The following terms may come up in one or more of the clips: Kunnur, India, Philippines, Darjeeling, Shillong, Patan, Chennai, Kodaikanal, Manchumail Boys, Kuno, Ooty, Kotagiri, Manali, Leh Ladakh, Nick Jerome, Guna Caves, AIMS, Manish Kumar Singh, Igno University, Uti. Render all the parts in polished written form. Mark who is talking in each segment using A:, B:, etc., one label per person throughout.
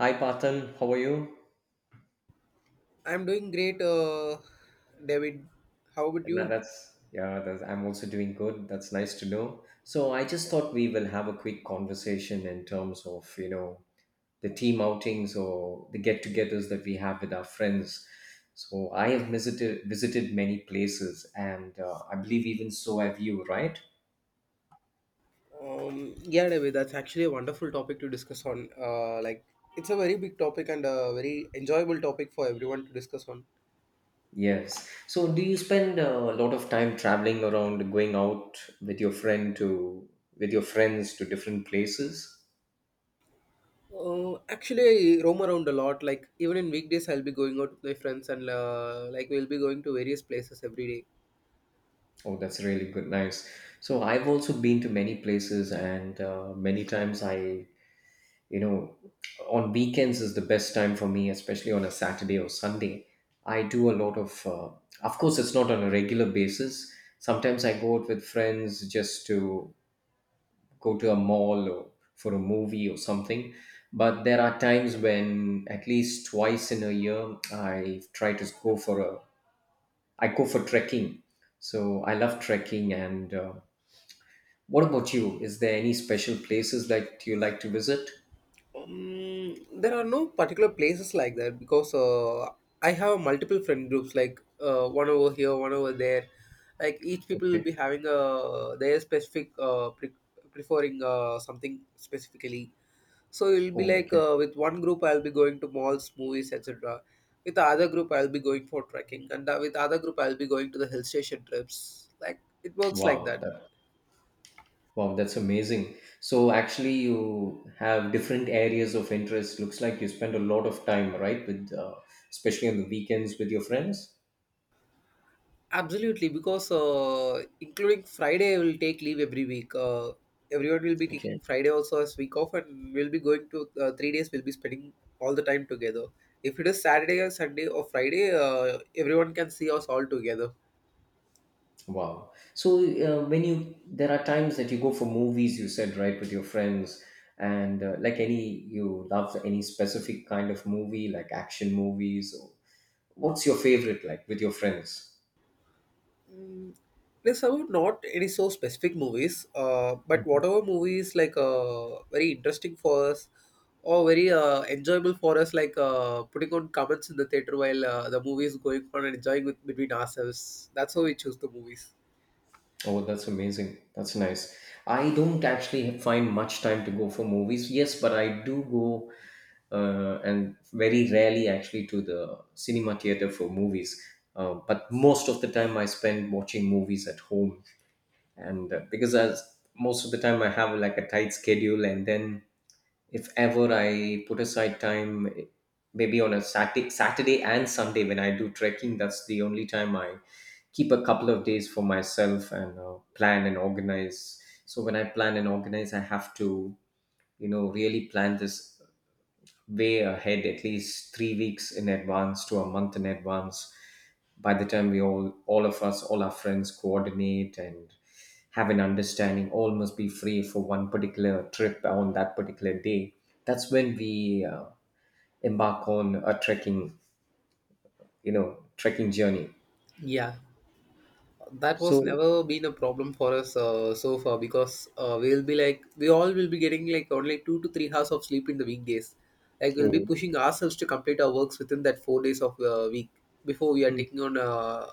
A: Hi, Patan. How are you?
B: I'm doing great, David. How about
A: And that-
B: you?
A: that's yeah. That's, I'm also doing good. That's nice to know. So I just thought we will have a quick conversation in terms of the team outings or the get-togethers that we have with our friends. So I have visited many places, and I believe even so have you, right?
B: Yeah, David, that's actually a wonderful topic to discuss on. It's a very big topic and a very enjoyable topic for everyone to discuss on.
A: Yes. So do you spend a lot of time traveling around, going out with your friend to with your friends to different places?
B: I roam around a lot. Like, even in weekdays, I'll be going out with my friends and like we'll be going to various places every day.
A: Oh, that's really good. Nice. So I've also been to many places, and many times you know, on weekends is the best time for me, especially on a Saturday or Sunday. I do a lot of course, it's not on a regular basis. Sometimes I go out with friends just to go to a mall or for a movie or something. But there are times when at least twice in a year I go for trekking. So I love trekking and. What about you? Is there any special places that you like to visit?
B: There are no particular places like that because I have multiple friend groups, like one over here, one over there. Like each people will
A: Okay.
B: be having a their specific preferring something specifically. So it'll be
A: Oh,
B: like
A: okay.
B: with one group I'll be going to malls, movies, etc. With the other group I'll be going for trekking, and with the other group I'll be going to the hill station trips. Like it works like
A: Wow,
B: that.
A: that wow, that's amazing. So actually, you have different areas of interest. Looks like you spend a lot of time, right, with especially on the weekends with your friends.
B: Absolutely, because including Friday, will take leave every week. Everyone will be taking
A: Okay.
B: Friday also as week off, and we'll be going to 3 days. We'll be spending all the time together. If it is Saturday or Sunday or Friday, everyone can see us all together.
A: Wow. So when you there are times that you go for movies, you said, right, with your friends, and like any you love any specific kind of movie, like action movies. Or, what's your favorite, like with your friends?
B: There's about not any so specific movies, but whatever movie is like very interesting for us or very enjoyable for us, like putting on comments in the theater while the movie is going on and enjoying with, between ourselves. That's how we choose the movies.
A: Oh, that's amazing. That's nice. I don't actually find much time to go for movies. Yes, but I do go and very rarely actually to the cinema theater for movies. But most of the time I spend watching movies at home. And because as most of the time I have like a tight schedule and then if ever I put aside time, maybe on a Saturday and Sunday when I do trekking, that's the only time I keep a couple of days for myself and plan and organize. So when I plan and organize, I have to, really plan this way ahead, at least 3 weeks in advance to a month in advance by the time we all of us, all our friends, coordinate and have an understanding all must be free for one particular trip on that particular day. That's when we embark on a trekking you know trekking journey.
B: Yeah, that was
A: so
B: never been a problem for us so far because we all will be getting like only 2 to 3 hours of sleep in the weekdays. Like we'll be
A: oh,
B: pushing ourselves to complete our works within that 4 days of week before we are
A: mm,
B: taking on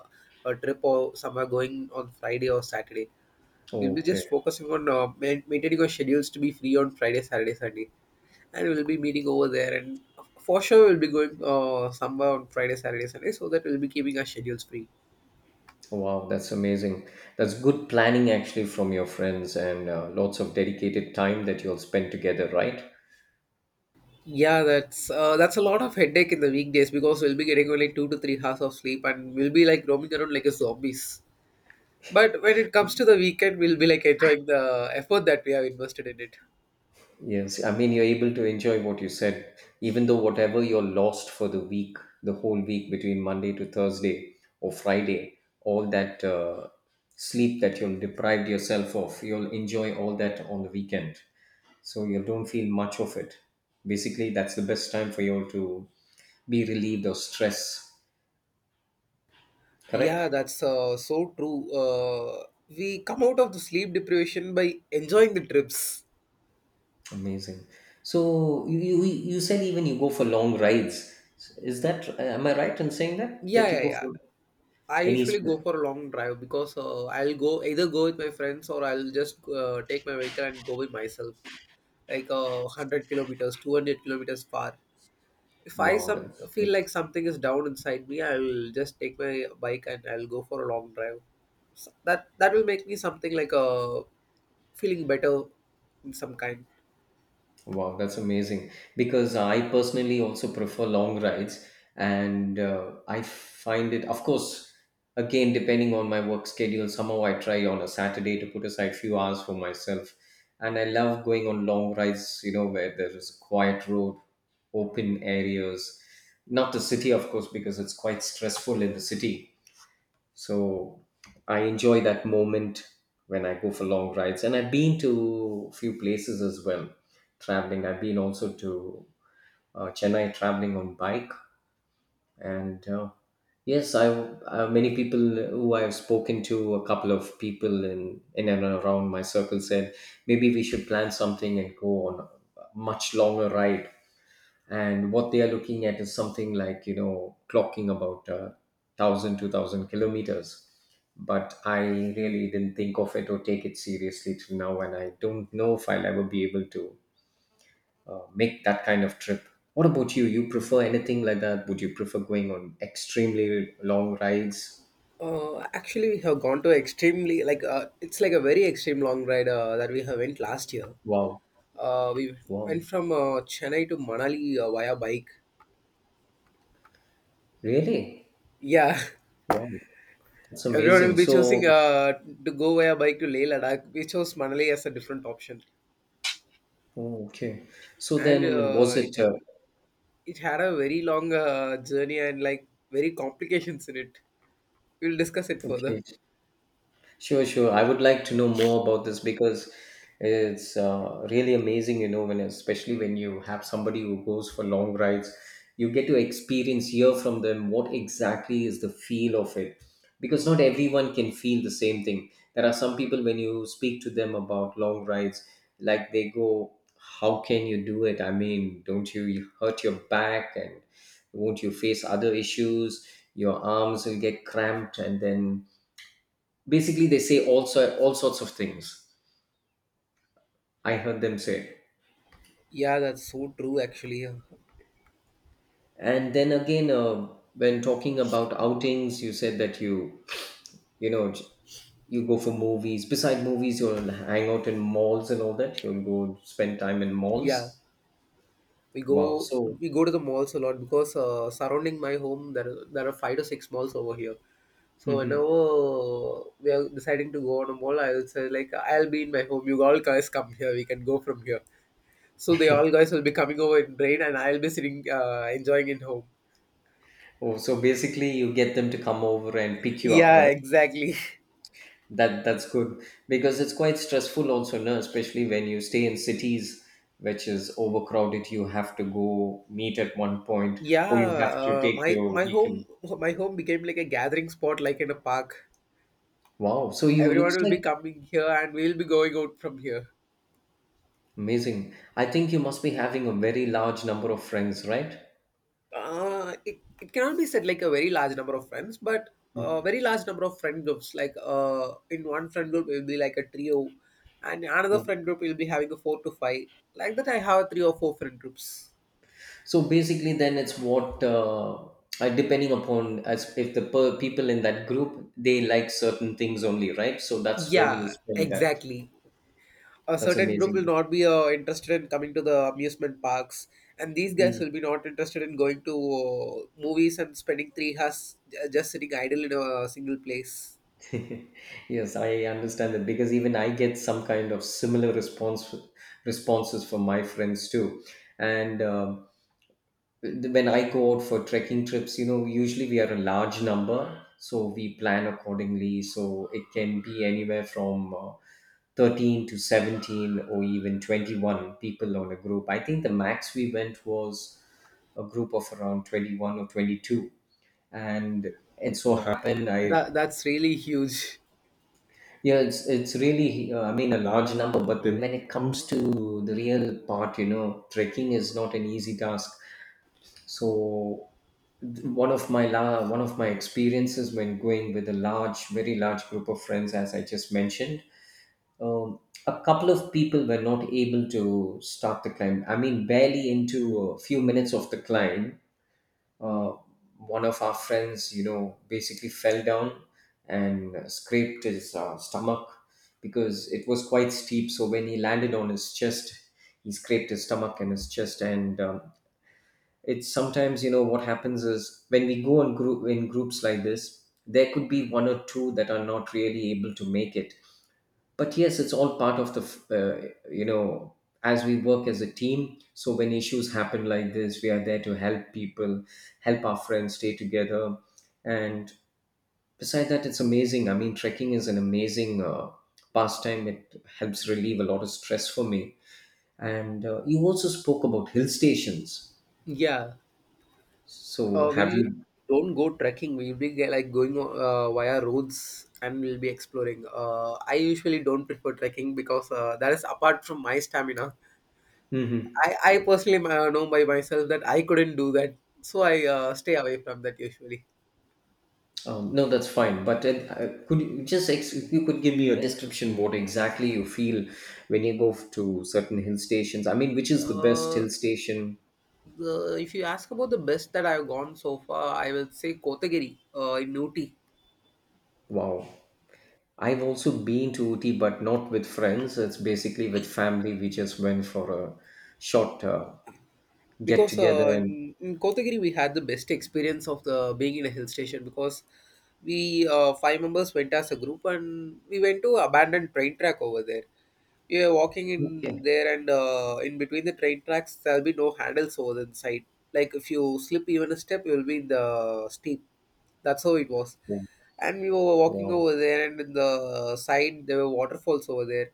B: a trip or somewhere going on Friday or Saturday. We'll be
A: okay.
B: just focusing on maintaining our schedules to be free on Friday, Saturday, Sunday, and we'll be meeting over there. And for sure, we'll be going somewhere on Friday, Saturday, Sunday, so that we'll be keeping our schedules free.
A: Wow, that's amazing. That's good planning actually from your friends, and lots of dedicated time that you'll spend together, right?
B: Yeah, that's a lot of headache in the weekdays because we'll be getting only 2 to 3 hours of sleep and we'll be like roaming around like a zombies. But when it comes to the weekend, we'll be like enjoying the effort that we have invested in it.
A: Yes, I mean, you're able to enjoy what you said, even though whatever you're lost for the week, the whole week between Monday to Thursday or Friday, all that sleep that you'll deprived yourself of, you'll enjoy all that on the weekend. So you don't feel much of it. Basically, that's the best time for you all to be relieved of stress.
B: Yeah,
A: Correct?
B: that's so true. We come out of the sleep deprivation by enjoying the trips.
A: Amazing. So you said even you go for long rides. Is that, am I right in saying that
B: Yeah,
A: you
B: yeah,
A: go
B: yeah.
A: for
B: I
A: any?
B: usually go
A: sp-
B: for a long drive because I'll go either go with my friends or I'll just take my vehicle and go with myself, like 100 kilometers, 200 kilometers far. If I
A: Wow,
B: some
A: that's,
B: feel like
A: that's
B: something is down inside me, I'll just take my bike and I'll go for a long drive. So that will make me something like a feeling better in some kind.
A: wow, that's amazing. Because I personally also prefer long rides, and I find it, of course, again depending on my work schedule. Somehow I try on a Saturday to put aside few hours for myself, and I love going on long rides. You know, where there is a quiet road, open areas, not the city, of course, because it's quite stressful in the city. So I enjoy that moment when I go for long rides. And I've been to a few places as well, traveling. I've been also to Chennai, traveling on bike. And yes, I many people who I've spoken to, a couple of people in and around my circle, said maybe we should plan something and go on a much longer ride. And what they are looking at is something like, you know, clocking about 1,000, 2,000 kilometers. But I really didn't think of it or take it seriously till now, and I don't know if I'll ever be able to make that kind of trip. What about you? You prefer anything like that? Would you prefer going on extremely long rides?
B: We have gone to extremely like it's like a very extreme long ride that we have went last year.
A: Wow.
B: We
A: Wow.
B: went from Chennai to Manali via bike.
A: Really?
B: Yeah,
A: Wow. That's
B: everyone will
A: amazing.
B: be choosing
A: So,
B: to go via bike to Leh Ladakh. We chose Manali as a different option,
A: oh, okay. So
B: and
A: then
B: uh,
A: was
B: it
A: it,
B: It had a very long journey and like very complications in it. We'll discuss it further.
A: okay. Sure, sure. I would like to know more about this because it's really amazing, you know, when, especially when you have somebody who goes for long rides, you get to experience, hear from them what exactly is the feel of it. Because not everyone can feel the same thing. There are some people when you speak to them about long rides, like they go, "How can you do it? I mean, don't you hurt your back and won't you face other issues? Your arms will get cramped," and then basically they say also all sorts of things I heard them say.
B: Yeah, that's so true actually.
A: And then again, when talking about outings, you said that you know j- you go for movies, beside movies you'll hang out in malls and all that, you'll go spend time in
B: Yeah,
A: malls.
B: we go
A: Wow, so
B: we go to the malls a lot because surrounding my home there are 5 to 6 malls over here. So whenever we are deciding to go on a mall, I will say like I'll be in my home. You all guys come here. We can go from here. So they all guys will be coming over in train, and I'll be sitting enjoying in home.
A: oh, so basically you get them to come over and pick you up,
B: Yeah,
A: right?
B: exactly.
A: That that's good because it's quite stressful also, no? Especially when you stay in cities which is overcrowded, you have to go meet at one point
B: Yeah,
A: or you have to
B: uh,
A: take
B: my
A: your
B: my home
A: vehicle.
B: my home became like a gathering spot, like in a park.
A: Wow, so you
B: Everyone
A: looks
B: will
A: like
B: be coming here, and we'll be going out from here.
A: amazing. I think you must be having a very large number of friends, right?
B: It cannot be said like a very large number of friends, but a
A: Mm.
B: very large number of friend groups. Like in one friend group, it will be like a trio, and another
A: Yeah.
B: friend group will be having a 4 to 5. Like that, I have three or four friend groups.
A: So basically, then it's what, depending upon, as if the people in that group they like certain things only, right? So that's when you
B: Yeah,
A: spend that.
B: exactly. A
A: That's
B: certain group will
A: amazing.
B: not be interested in coming to the amusement parks and these guys will be not interested in going to movies and spending 3 hours just sitting idle in a single place.
A: Yes, I understand that because even I get some kind of similar response responses from my friends too. And when I go out for trekking trips, you know, usually we are a large number, so we plan accordingly. So it can be anywhere from 13 to 17 or even 21 people on a group. I think the max we went was a group of around 21 or 22. And it so happened I
B: That's really huge.
A: yeah, it's really I mean a large number, but when it comes to the real part, you know, trekking is not an easy task. So one of my experiences when going with a large, very large group of friends, as I just mentioned, um, a couple of people were not able to start the climb. I mean, barely into a few minutes of the climb, uh, one of our friends, you know, basically fell down and scraped his stomach because it was quite steep. So when he landed on his chest, he scraped his stomach and his chest. And it's sometimes, you know, what happens is when we go in, group, in groups like this, there could be one or two that are not really able to make it. But yes, it's all part of the you know, as we work as a team, so when issues happen like this, we are there to help people, help our friends stay together. And beside that, it's amazing. I mean, trekking is an amazing pastime. It helps relieve a lot of stress for me. And you also spoke about hill stations.
B: Yeah,
A: So have
B: we
A: you
B: don't go trekking, we'll be like going via roads and we'll be exploring. I usually don't prefer trekking because that is apart from my stamina.
A: Mhm.
B: I personally know by myself that I couldn't do that, so I stay away from that usually.
A: No, that's fine. But it, could you just if you could give me a description what exactly you feel when you go to certain hill stations? I mean, which is the best
B: Uh,
A: hill station?
B: if you ask about the best that I've gone so far, I will say Kotagiri in Ooty.
A: Wow. I've also been to Uti, but not with friends. It's basically with family. We just went for a short get
B: Because
A: together and.
B: in Kotagiri, we had the best experience of the being in a hill station because we 5 members went as a group and we went to abandoned train track over there. You Yeah, walking in
A: Okay.
B: there and in between the train tracks, there'll be no handles over the side. Like if you slip even a step, you'll be in the steep. That's how it was. And we were walking
A: Wow.
B: over there, and in the side there were waterfalls over there.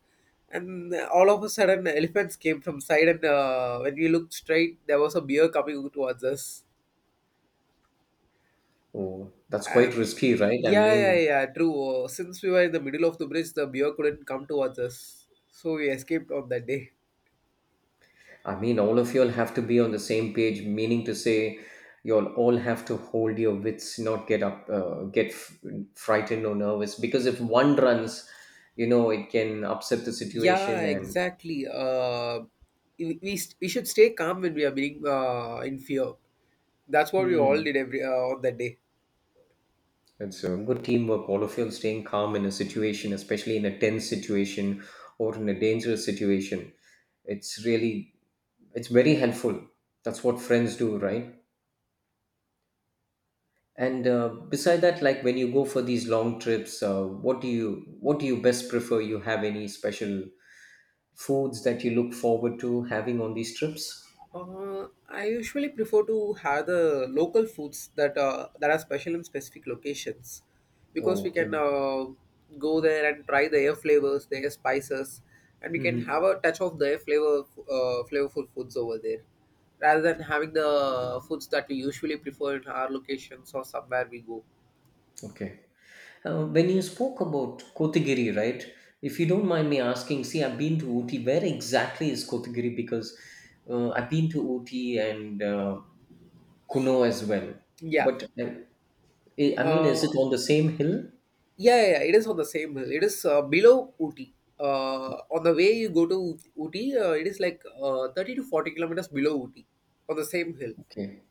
B: And all of a sudden, elephants came from side, and when we looked straight, there was a bear coming towards us.
A: Oh, that's quite
B: And
A: risky, right?
B: yeah, yeah, yeah, true. Since we were in the middle of the bridge, the bear couldn't come towards us, so we escaped on that day.
A: I mean, all of you all have to be on the same page, meaning to say, you all have to hold your wits, not get up, get frightened or nervous. Because if one runs, you know, it can upset the
B: Yeah,
A: situation. And
B: exactly. We should stay calm when we are being in fear. That's what we all did
A: hmm,
B: every on that day.
A: it's a good teamwork. All of you all staying calm in a situation, especially in a tense situation or in a dangerous situation. It's really, it's very helpful. That's what friends do, right? And beside that, like when you go for these long trips, what do you best prefer? You have any special foods that you look forward to having on these trips?
B: I usually prefer to have the local foods that that are special in specific locations, because
A: Oh,
B: we can
A: okay.
B: go there and try their flavors, their spices, and we can have
A: Hmm.
B: a touch of their flavor flavorful foods over there, rather than having the foods that we usually prefer in our locations or somewhere we go.
A: Okay. When you spoke about Kotagiri, right? If you don't mind me asking, see, I've been to Ooty. Where exactly is Kotagiri? Because I've been to Ooty and Kuno as well.
B: Yeah.
A: But I mean, is
B: Uh,
A: it on the same hill?
B: yeah, yeah, yeah, it is on the same hill. It is below Uti. On the way you go to Uti, it is like 30 to 40 kilometers below Uti on the same hill.
A: Okay.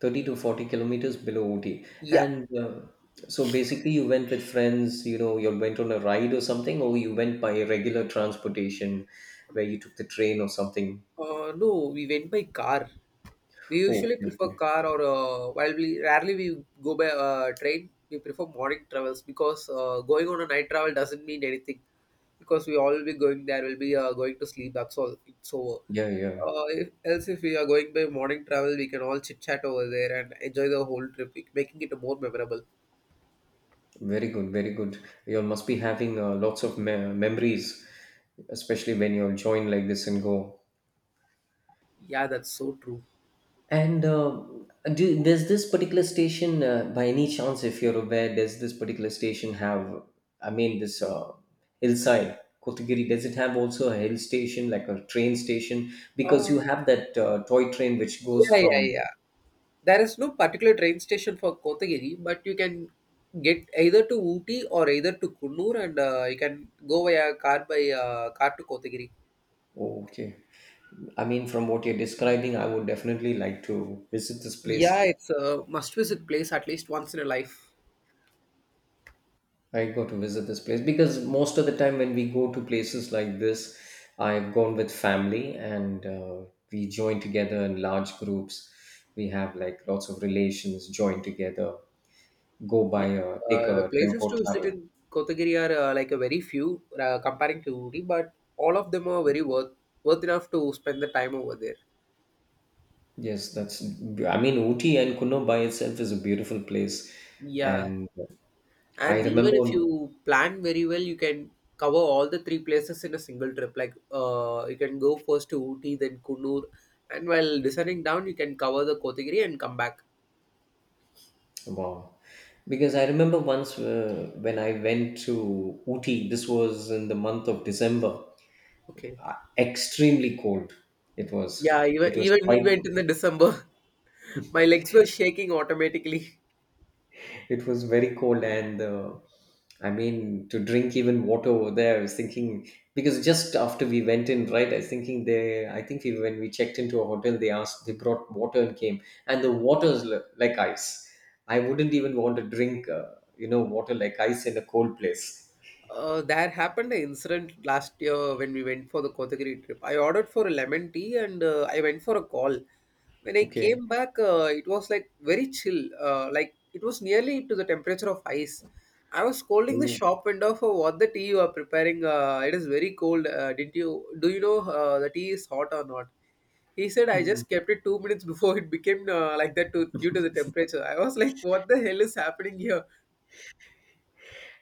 A: 30 to 40 kilometers below Ooty.
B: Yeah.
A: And So basically, you went with friends, you went on a ride or something, or you went by regular transportation where you took the train or something.
B: No, we went by car. We
A: Oh,
B: usually
A: okay,
B: prefer
A: okay.
B: car or while we rarely we go by train. We prefer morning travels because going on a night travel doesn't mean anything because we all be going there. We'll be going to sleep. That's all. It's over.
A: Yeah, yeah.
B: If we are going by morning travel, we can all chit chat over there and enjoy the whole trip, making it more memorable.
A: Very good, very good. You must be having lots of me memories, especially when you'll join like this and go.
B: Yeah, that's so true.
A: And Does this particular station, by any chance, if you're aware, does this particular station have, I mean, this hillside, Kotagiri, does it have also a hill station, like a train station? Because you
B: Oh,
A: have that toy train which goes
B: yeah, yeah,
A: from,
B: yeah. There is no particular train station for Kotagiri, but you can get either to Ooty or either to Kunnur, and you can go via car by car to Kotagiri.
A: oh, okay. I mean, from what you're describing, I would definitely like to visit this
B: Yeah,
A: place.
B: it's a must-visit place at least once in a life.
A: I got to visit this place because most of the time when we go to places like this, I've gone with family and we join together in large groups. We have like lots of relations join together, go by
B: Yeah,
A: a take
B: the
A: a
B: places
A: tempo
B: to visit
A: travel.
B: in Kotagiri are like a very few comparing to Ooty, but all of them are very worth enough to spend the time over there.
A: Yes, that's. I mean, Uti and Kuno by itself is a beautiful place,
B: Yeah.
A: and I
B: And even
A: remember,
B: if you plan very well, you can cover all the three places in a single trip. Like you can go first to Ooty, then Kunnur, and while descending down, you can cover the Kotagiri and come back.
A: wow, because I remember once when I went to Uti. This was in the month of December,
B: Okay.
A: extremely cold it was
B: Yeah, even
A: It was
B: even we
A: quite,
B: went in the December. My legs were shaking automatically.
A: it was very cold. And I mean, to drink even water over there, I was thinking, because just after we went in, right, I was thinking, they when we checked into a hotel, they asked, they brought water and came, and the water is like ice. I wouldn't even want to drink water like ice in a cold place.
B: There happened an incident last year when we went for the Kotagiri trip. I ordered for a lemon tea and I went for a call. When I
A: Okay.
B: came back, it was like very chill. Like it was nearly to the temperature of ice. I was scolding the shop window for what the tea you are preparing. It is very cold. Did you Do you know the tea is hot or not? He said I
A: Mhm.
B: just kept it 2 minutes before it became due to the temperature. I was like, what the hell is happening here?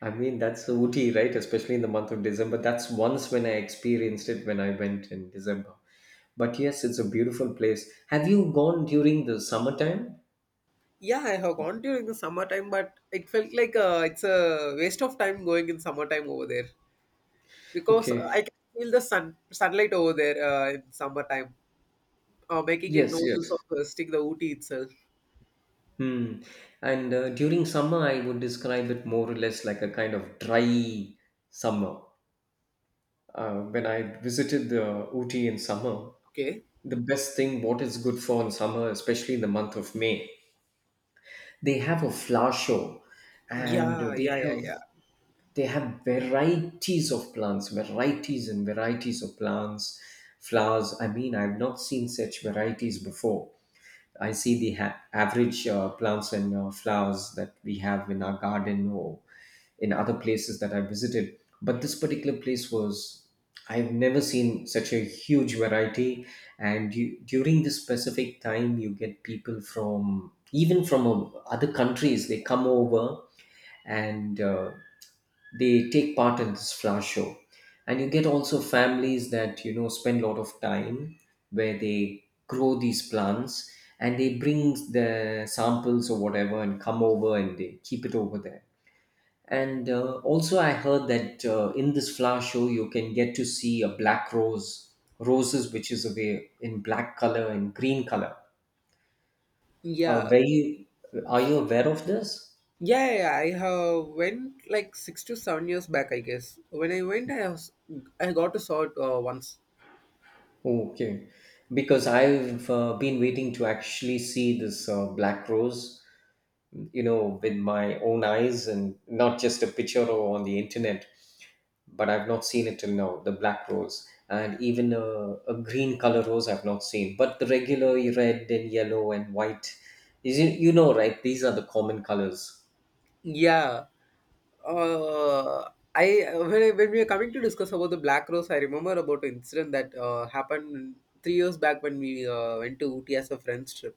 A: I mean, that's Ooty, right? Especially in the month of December. That's once when I experienced it when I went in December. But yes, it's a beautiful place. Have you gone during the summertime?
B: Yeah, I have gone during the summertime, but it felt like it's a waste of time going in summertime over there because uh,
A: Okay.
B: I can feel the sun sunlight over there in summertime, making it
A: Yes,
B: no use of
A: yes.
B: stick the Ooty itself.
A: Hmm. And during summer, I would describe it more or less like a kind of dry summer. When I visited the Ooty in summer,
B: Okay.
A: the best thing what is good for in summer, especially in the month of May, they have a flower show, and
B: Yeah,
A: they
B: yeah, yeah,
A: have
B: yeah,
A: they have varieties of plants, varieties and varieties of plants, flowers. I mean, I've not seen such varieties before. I see the average plants and flowers that we have in our garden or in other places that I visited, but this particular place was, I've never seen such a huge variety. And during this specific time you get people from even from other countries, they come over, and they take part in this flower show. And you get also families that spend a lot of time where they grow these plants, and they bring the samples or whatever and come over and they keep it over there. And also I heard that in this flower show you can get to see a black rose roses, which is away in black color and green color.
B: yeah. Yeah,
A: Were you Are you aware of this?
B: yeah, yeah. I have went like 6 to 7 years back, I guess. When I went, I was I got to saw it once.
A: Okay, because I've been waiting to actually see this black rose, with my own eyes and not just a picture or on the internet, but I've not seen it till now, the black rose. And even a green color rose I've not seen, but the regular red and yellow and white, is it, right? These are the common colors.
B: Yeah. I when we are coming to discuss about the Black Rose, I remember about an incident that happened 3 years back when we went to Ooty as a friends trip.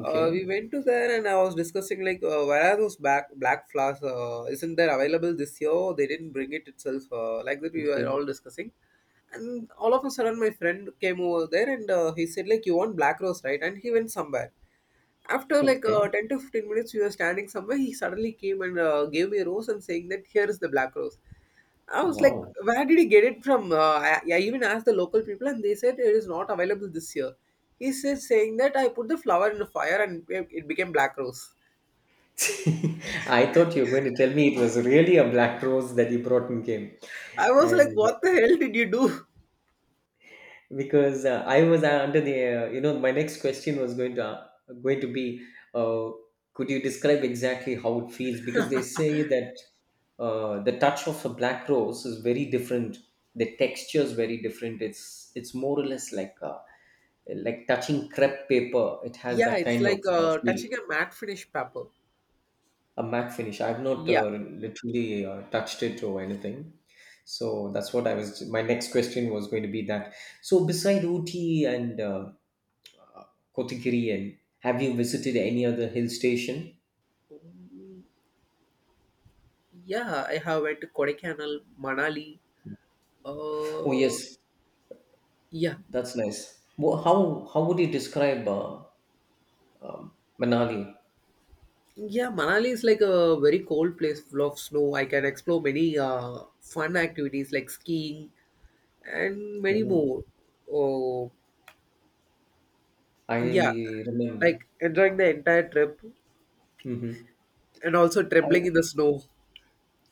B: We went to there and I was discussing like where are those black flowers? Isn't there available this year? They didn't bring it itself. Like that we were
A: okay,
B: all discussing, and all of a sudden my friend came over there and he said like you want black rose, right? And he went somewhere. After like
A: okay.
B: 10 to 15 minutes, we were standing somewhere. He suddenly came and gave me a rose and saying that here is the black rose. I was like,
A: Wow.
B: where did he get it from? I even asked the local people and they said it is not available this year. He says saying that I put the flower in the fire and it became black rose.
A: I thought you were going to tell me it was really a black rose that you brought and came.
B: I was like,
A: And
B: what the hell did you do?
A: because I was under the my next question was going to be, uh, could you describe exactly how it feels? Because they say that the touch of a black rose is very different, the texture is very different. It's more or less like touching crepe paper. It has
B: Yeah,
A: that
B: it's
A: kind of
B: like
A: feel.
B: touching a matte finish paper.
A: A matte finish, I've not
B: Yeah,
A: literally touched it or anything, so that's what I was my next question was going to be, that so, beside Ooty and Kotikiri, and have you visited any other hill station?
B: yeah, I have went to Kodaikanal, Manali.
A: Oh
B: Uh,
A: yes,
B: yeah,
A: that's nice. How would you describe um, Manali?
B: Yeah, Manali is like a very cold place full of snow. I can explore many fun activities like skiing and many
A: Oh,
B: more. Oh, yeah,
A: I remember.
B: like enjoying the entire trip
A: Hmm.
B: and also trembling
A: I,
B: in the snow.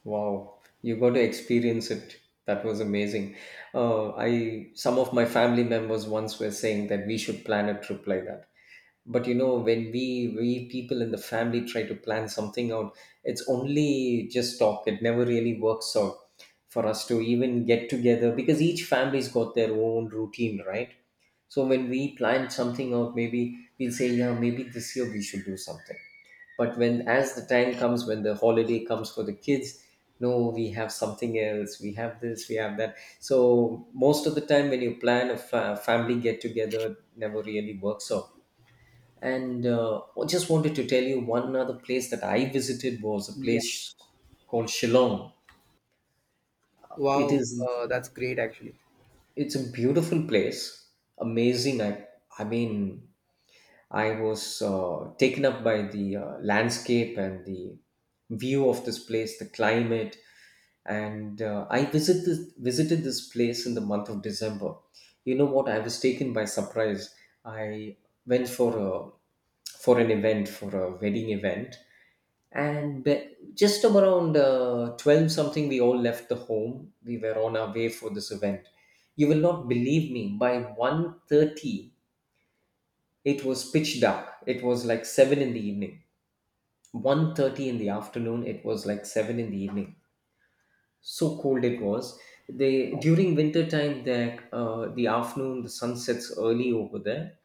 A: wow, you got to experience it. That was amazing. I Some of my family members once were saying that we should plan a trip like that, but when we people in the family try to plan something out, it's only just talk, it never really works out for us to even get together because each family's got their own routine, right? So when we plan something out, maybe we'll say, yeah, maybe this year we should do something. But when as the time comes, when the holiday comes for the kids, no, we have something else, we have this, we have that. So most of the time when you plan a family get together it never really works out. And I just wanted to tell you, one other place that I visited was a
B: Yeah,
A: place called Shillong. It
B: wow,
A: is
B: that's great actually.
A: it's a beautiful place, amazing. I mean, I was taken up by the landscape and the view of this place, the climate, and I visited this place in the month of December. You know what? I was taken by surprise. I went for a wedding event. And just around 12 something, we all left the home. We were on our way for this event. You will not believe me, by 1:30 it was pitch dark, it was like 7 in the evening. 1:30 in the afternoon, it was like 7 in the evening, so cold it was. They During winter time that the afternoon, the sun sets early over there.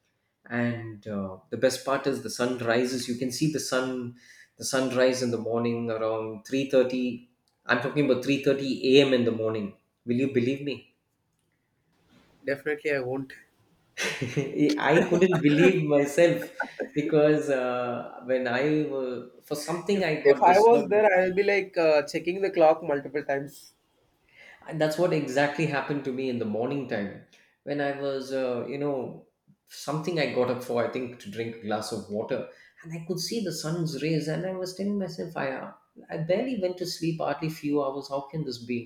A: And the best part is the sun rises, you can see the sunrise in the morning around 3:30. I'm talking about 3:30 a.m in the morning. Will you believe me?
B: Definitely, I won't.
A: I couldn't believe myself, because for something
B: If
A: I
B: if
A: got
B: I was
A: disturbed,
B: there, I'll be like checking the clock multiple times.
A: and that's what exactly happened to me in the morning time. When I was something I got up for, I think, to drink a glass of water, and I could see the sun's rays, and I was telling myself, I barely went to sleep, hardly few hours, how can this be?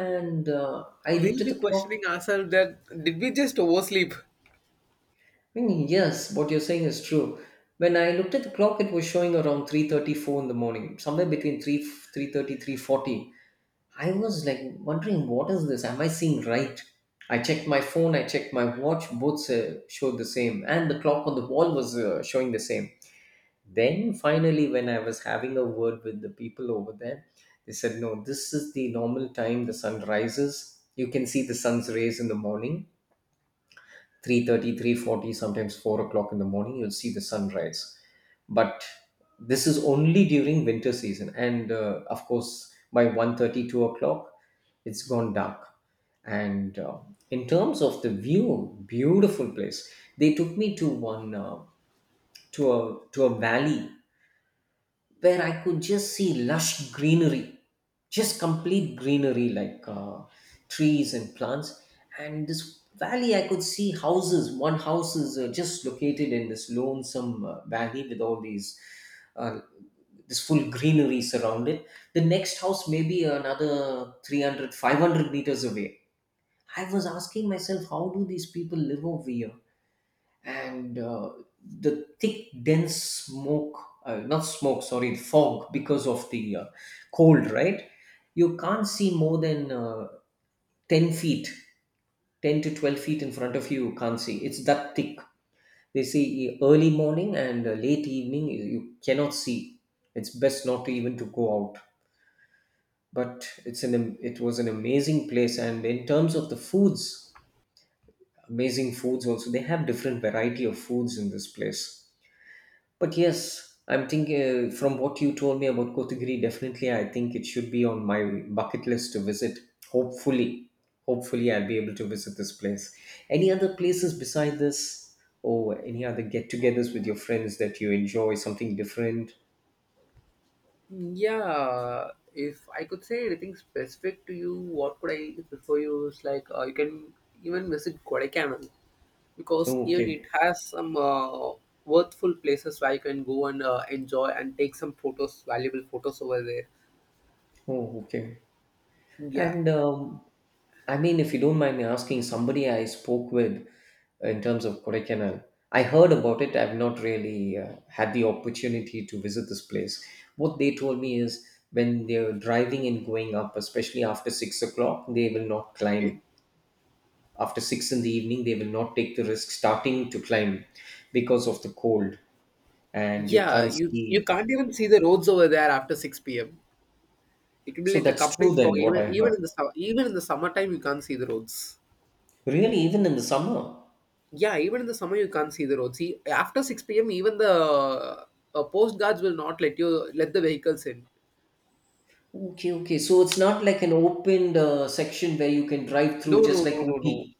A: And I looked
B: We'll
A: at
B: be
A: the
B: questioning
A: clock.
B: ourselves that did we just oversleep?
A: I mean, yes, what you're saying is true. When I looked at the clock, it was showing around 3:34 in the morning, somewhere between 3, three thirty, three forty. I was like wondering, what is this? Am I seeing right? I checked my phone, I checked my watch, both showed the same, and the clock on the wall was showing the same. Then finally, when I was having a word with the people over there, they said, no, this is the normal time the sun rises. You can see the sun's rays in the morning, 3:30, 3:40, sometimes 4 o'clock in the morning you'll see the sunrise. But this is only during winter season, and of course by 1:30, 2 o'clock it's gone dark. And in terms of the view, beautiful place. They took me to one to a valley where I could just see lush greenery, just complete greenery like trees and plants. And this valley, I could see houses. One house is just located in this lonesome valley with all these uh, this full greenery surrounded. The next house may be another 300, 500 meters away. I was asking myself, how do these people live over here? And the thick dense smoke, not smoke, sorry, fog, because of the cold, right? You can't see more than 10 feet, 10 to 12 feet in front of You can't see, it's that thick. They say early morning and late evening, you cannot see, it's best not to even to go out. But it was an amazing place. And in terms of the foods, amazing foods also, they have different variety of foods in this place. But yes, I'm thinking, from what you told me about Kotagiri, definitely I think it should be on my bucket list to visit. Hopefully, hopefully I'll be able to visit this place. Any other places beside this, or any other get-togethers with your friends that you enjoy something different?
B: Yeah, if I could say anything specific to you, what could I prefer you is like you can even visit Kodaikanal because
A: Oh,
B: even it
A: okay.
B: has some worthful places where you can go and enjoy and take some photos, valuable photos over there.
A: Oh, okay.
B: Yeah.
A: And I mean, if you don't mind me asking, somebody I spoke with in terms of Kodaikanal, I heard about it. I've not really had the opportunity to visit this place. What they told me is, when they're driving and going up, especially after 6 o'clock, they will not
B: Okay,
A: climb. After six in the evening, they will not take the risk starting to climb, because of the cold and you
B: yeah,
A: can't
B: you
A: see.
B: can't even see the roads over there after 6 p.m. It will be
A: So
B: like a
A: that's
B: complete
A: true,
B: fog.
A: then, what
B: Even
A: I
B: even
A: heard.
B: in the even in the summertime, you can't see the roads.
A: Really, even in the summer.
B: Yeah, even in the summer you can't see the road. See, after 6 p.m., even the post guards will not let you let the vehicles in.
A: Okay, okay. So it's not like an opened section where you can drive
B: No,
A: through
B: no,
A: just like
B: no, no, no.
A: Ooty.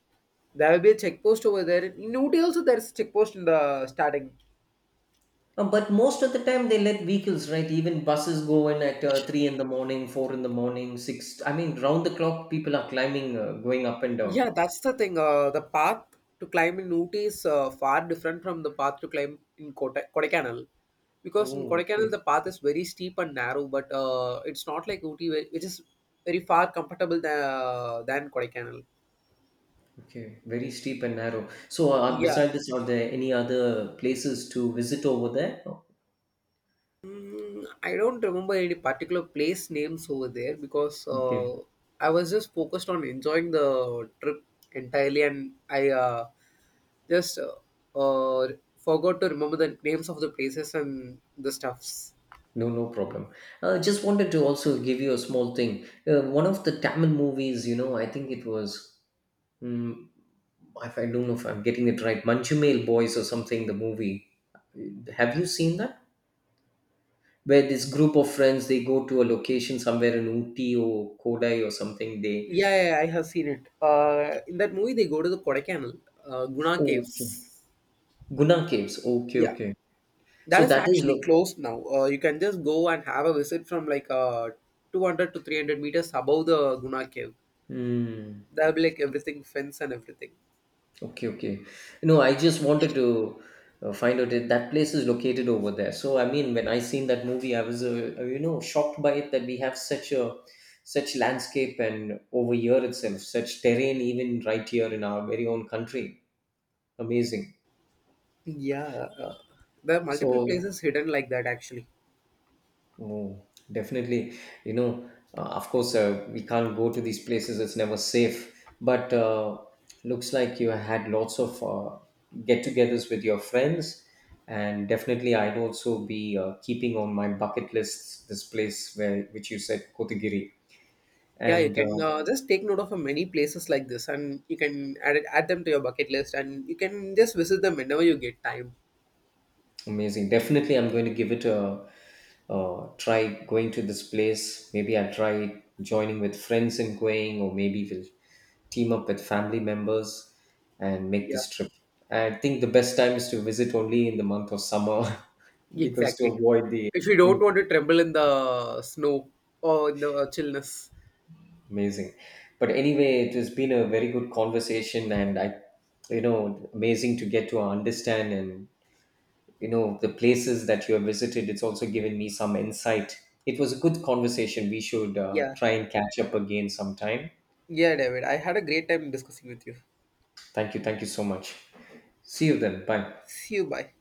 B: There will be a check post over there. In Ooty also there is check post in the starting.
A: But most of the time they let vehicles, right? Even buses go in at 3 in the morning, 4 in the morning, 6. I mean, round the clock, people are climbing, going up and down.
B: Yeah, that's the thing. The path to climb in Ooty is far different from the path to climb in Kodaikanal. Because in
A: Oh,
B: Kodaikanal,
A: okay.
B: the path is very steep and narrow, but it's not like Ooty, which is very far comfortable than Kodaikanal.
A: Okay. Very steep and narrow. So,
B: Yeah.
A: beside this, are there any other places to visit over there?
B: I don't remember any particular place names over there because
A: Okay.
B: I was just focused on enjoying the trip entirely, and I just uh, forgot to remember the names of the places and the stuffs.
A: No, no problem. Just wanted to also give you a small thing. One of the Tamil movies, I think it was, if I don't know if I'm getting it right, Manchumail Boys or something, the movie. Have you seen that? Where this group of friends, they go to a location somewhere in Uti or Kodai or something. They
B: Yeah, yeah, yeah, I have seen it. In that movie, they go to the Kodaikanal, Guna
A: Oh, okay.
B: Caves.
A: Guna Caves. Okay,
B: Yeah,
A: okay.
B: that
A: So
B: is
A: that is,
B: actually
A: look.
B: closed now. You can just go and have a visit from like 200 to 300 meters above the Guna Cave.
A: Hmm.
B: There will be like everything, fence and everything.
A: Okay, okay. No, I just wanted to find out if that place is located over there. So, I mean, when I seen that movie, I was, shocked by it, that we have such landscape and over here itself, such terrain, even right here in our very own country. Amazing.
B: Yeah, uh, there are multiple
A: So,
B: places hidden like that actually.
A: Oh, definitely. You know, of course, we can't go to these places, it's never safe. But looks like you had lots of get-togethers with your friends, and definitely, I'd also be keeping on my bucket list this place where which you said, Kotagiri,
B: Yeah, you
A: and
B: can just take note of many places like this, and you can add them to your bucket list, and you can just visit them whenever you get time.
A: amazing. Definitely, I'm going to give it try going to this place. Maybe I'll try joining with friends and going, or maybe we'll team up with family members and make
B: Yeah,
A: this trip. I think the best time is to visit only in the month of summer because to
B: exactly.
A: avoid the
B: If you don't
A: extreme
B: want
A: cold.
B: to tremble in the snow or in the chillness.
A: Amazing. But anyway, it has been a very good conversation, and amazing to get to understand and the places that you have visited, it's also given me some insight. It was a good conversation, we should
B: Yeah,
A: try and catch up again sometime.
B: yeah, David. I had a great time discussing with you.
A: Thank you, thank you so much. See you then. Bye.
B: See you. Bye.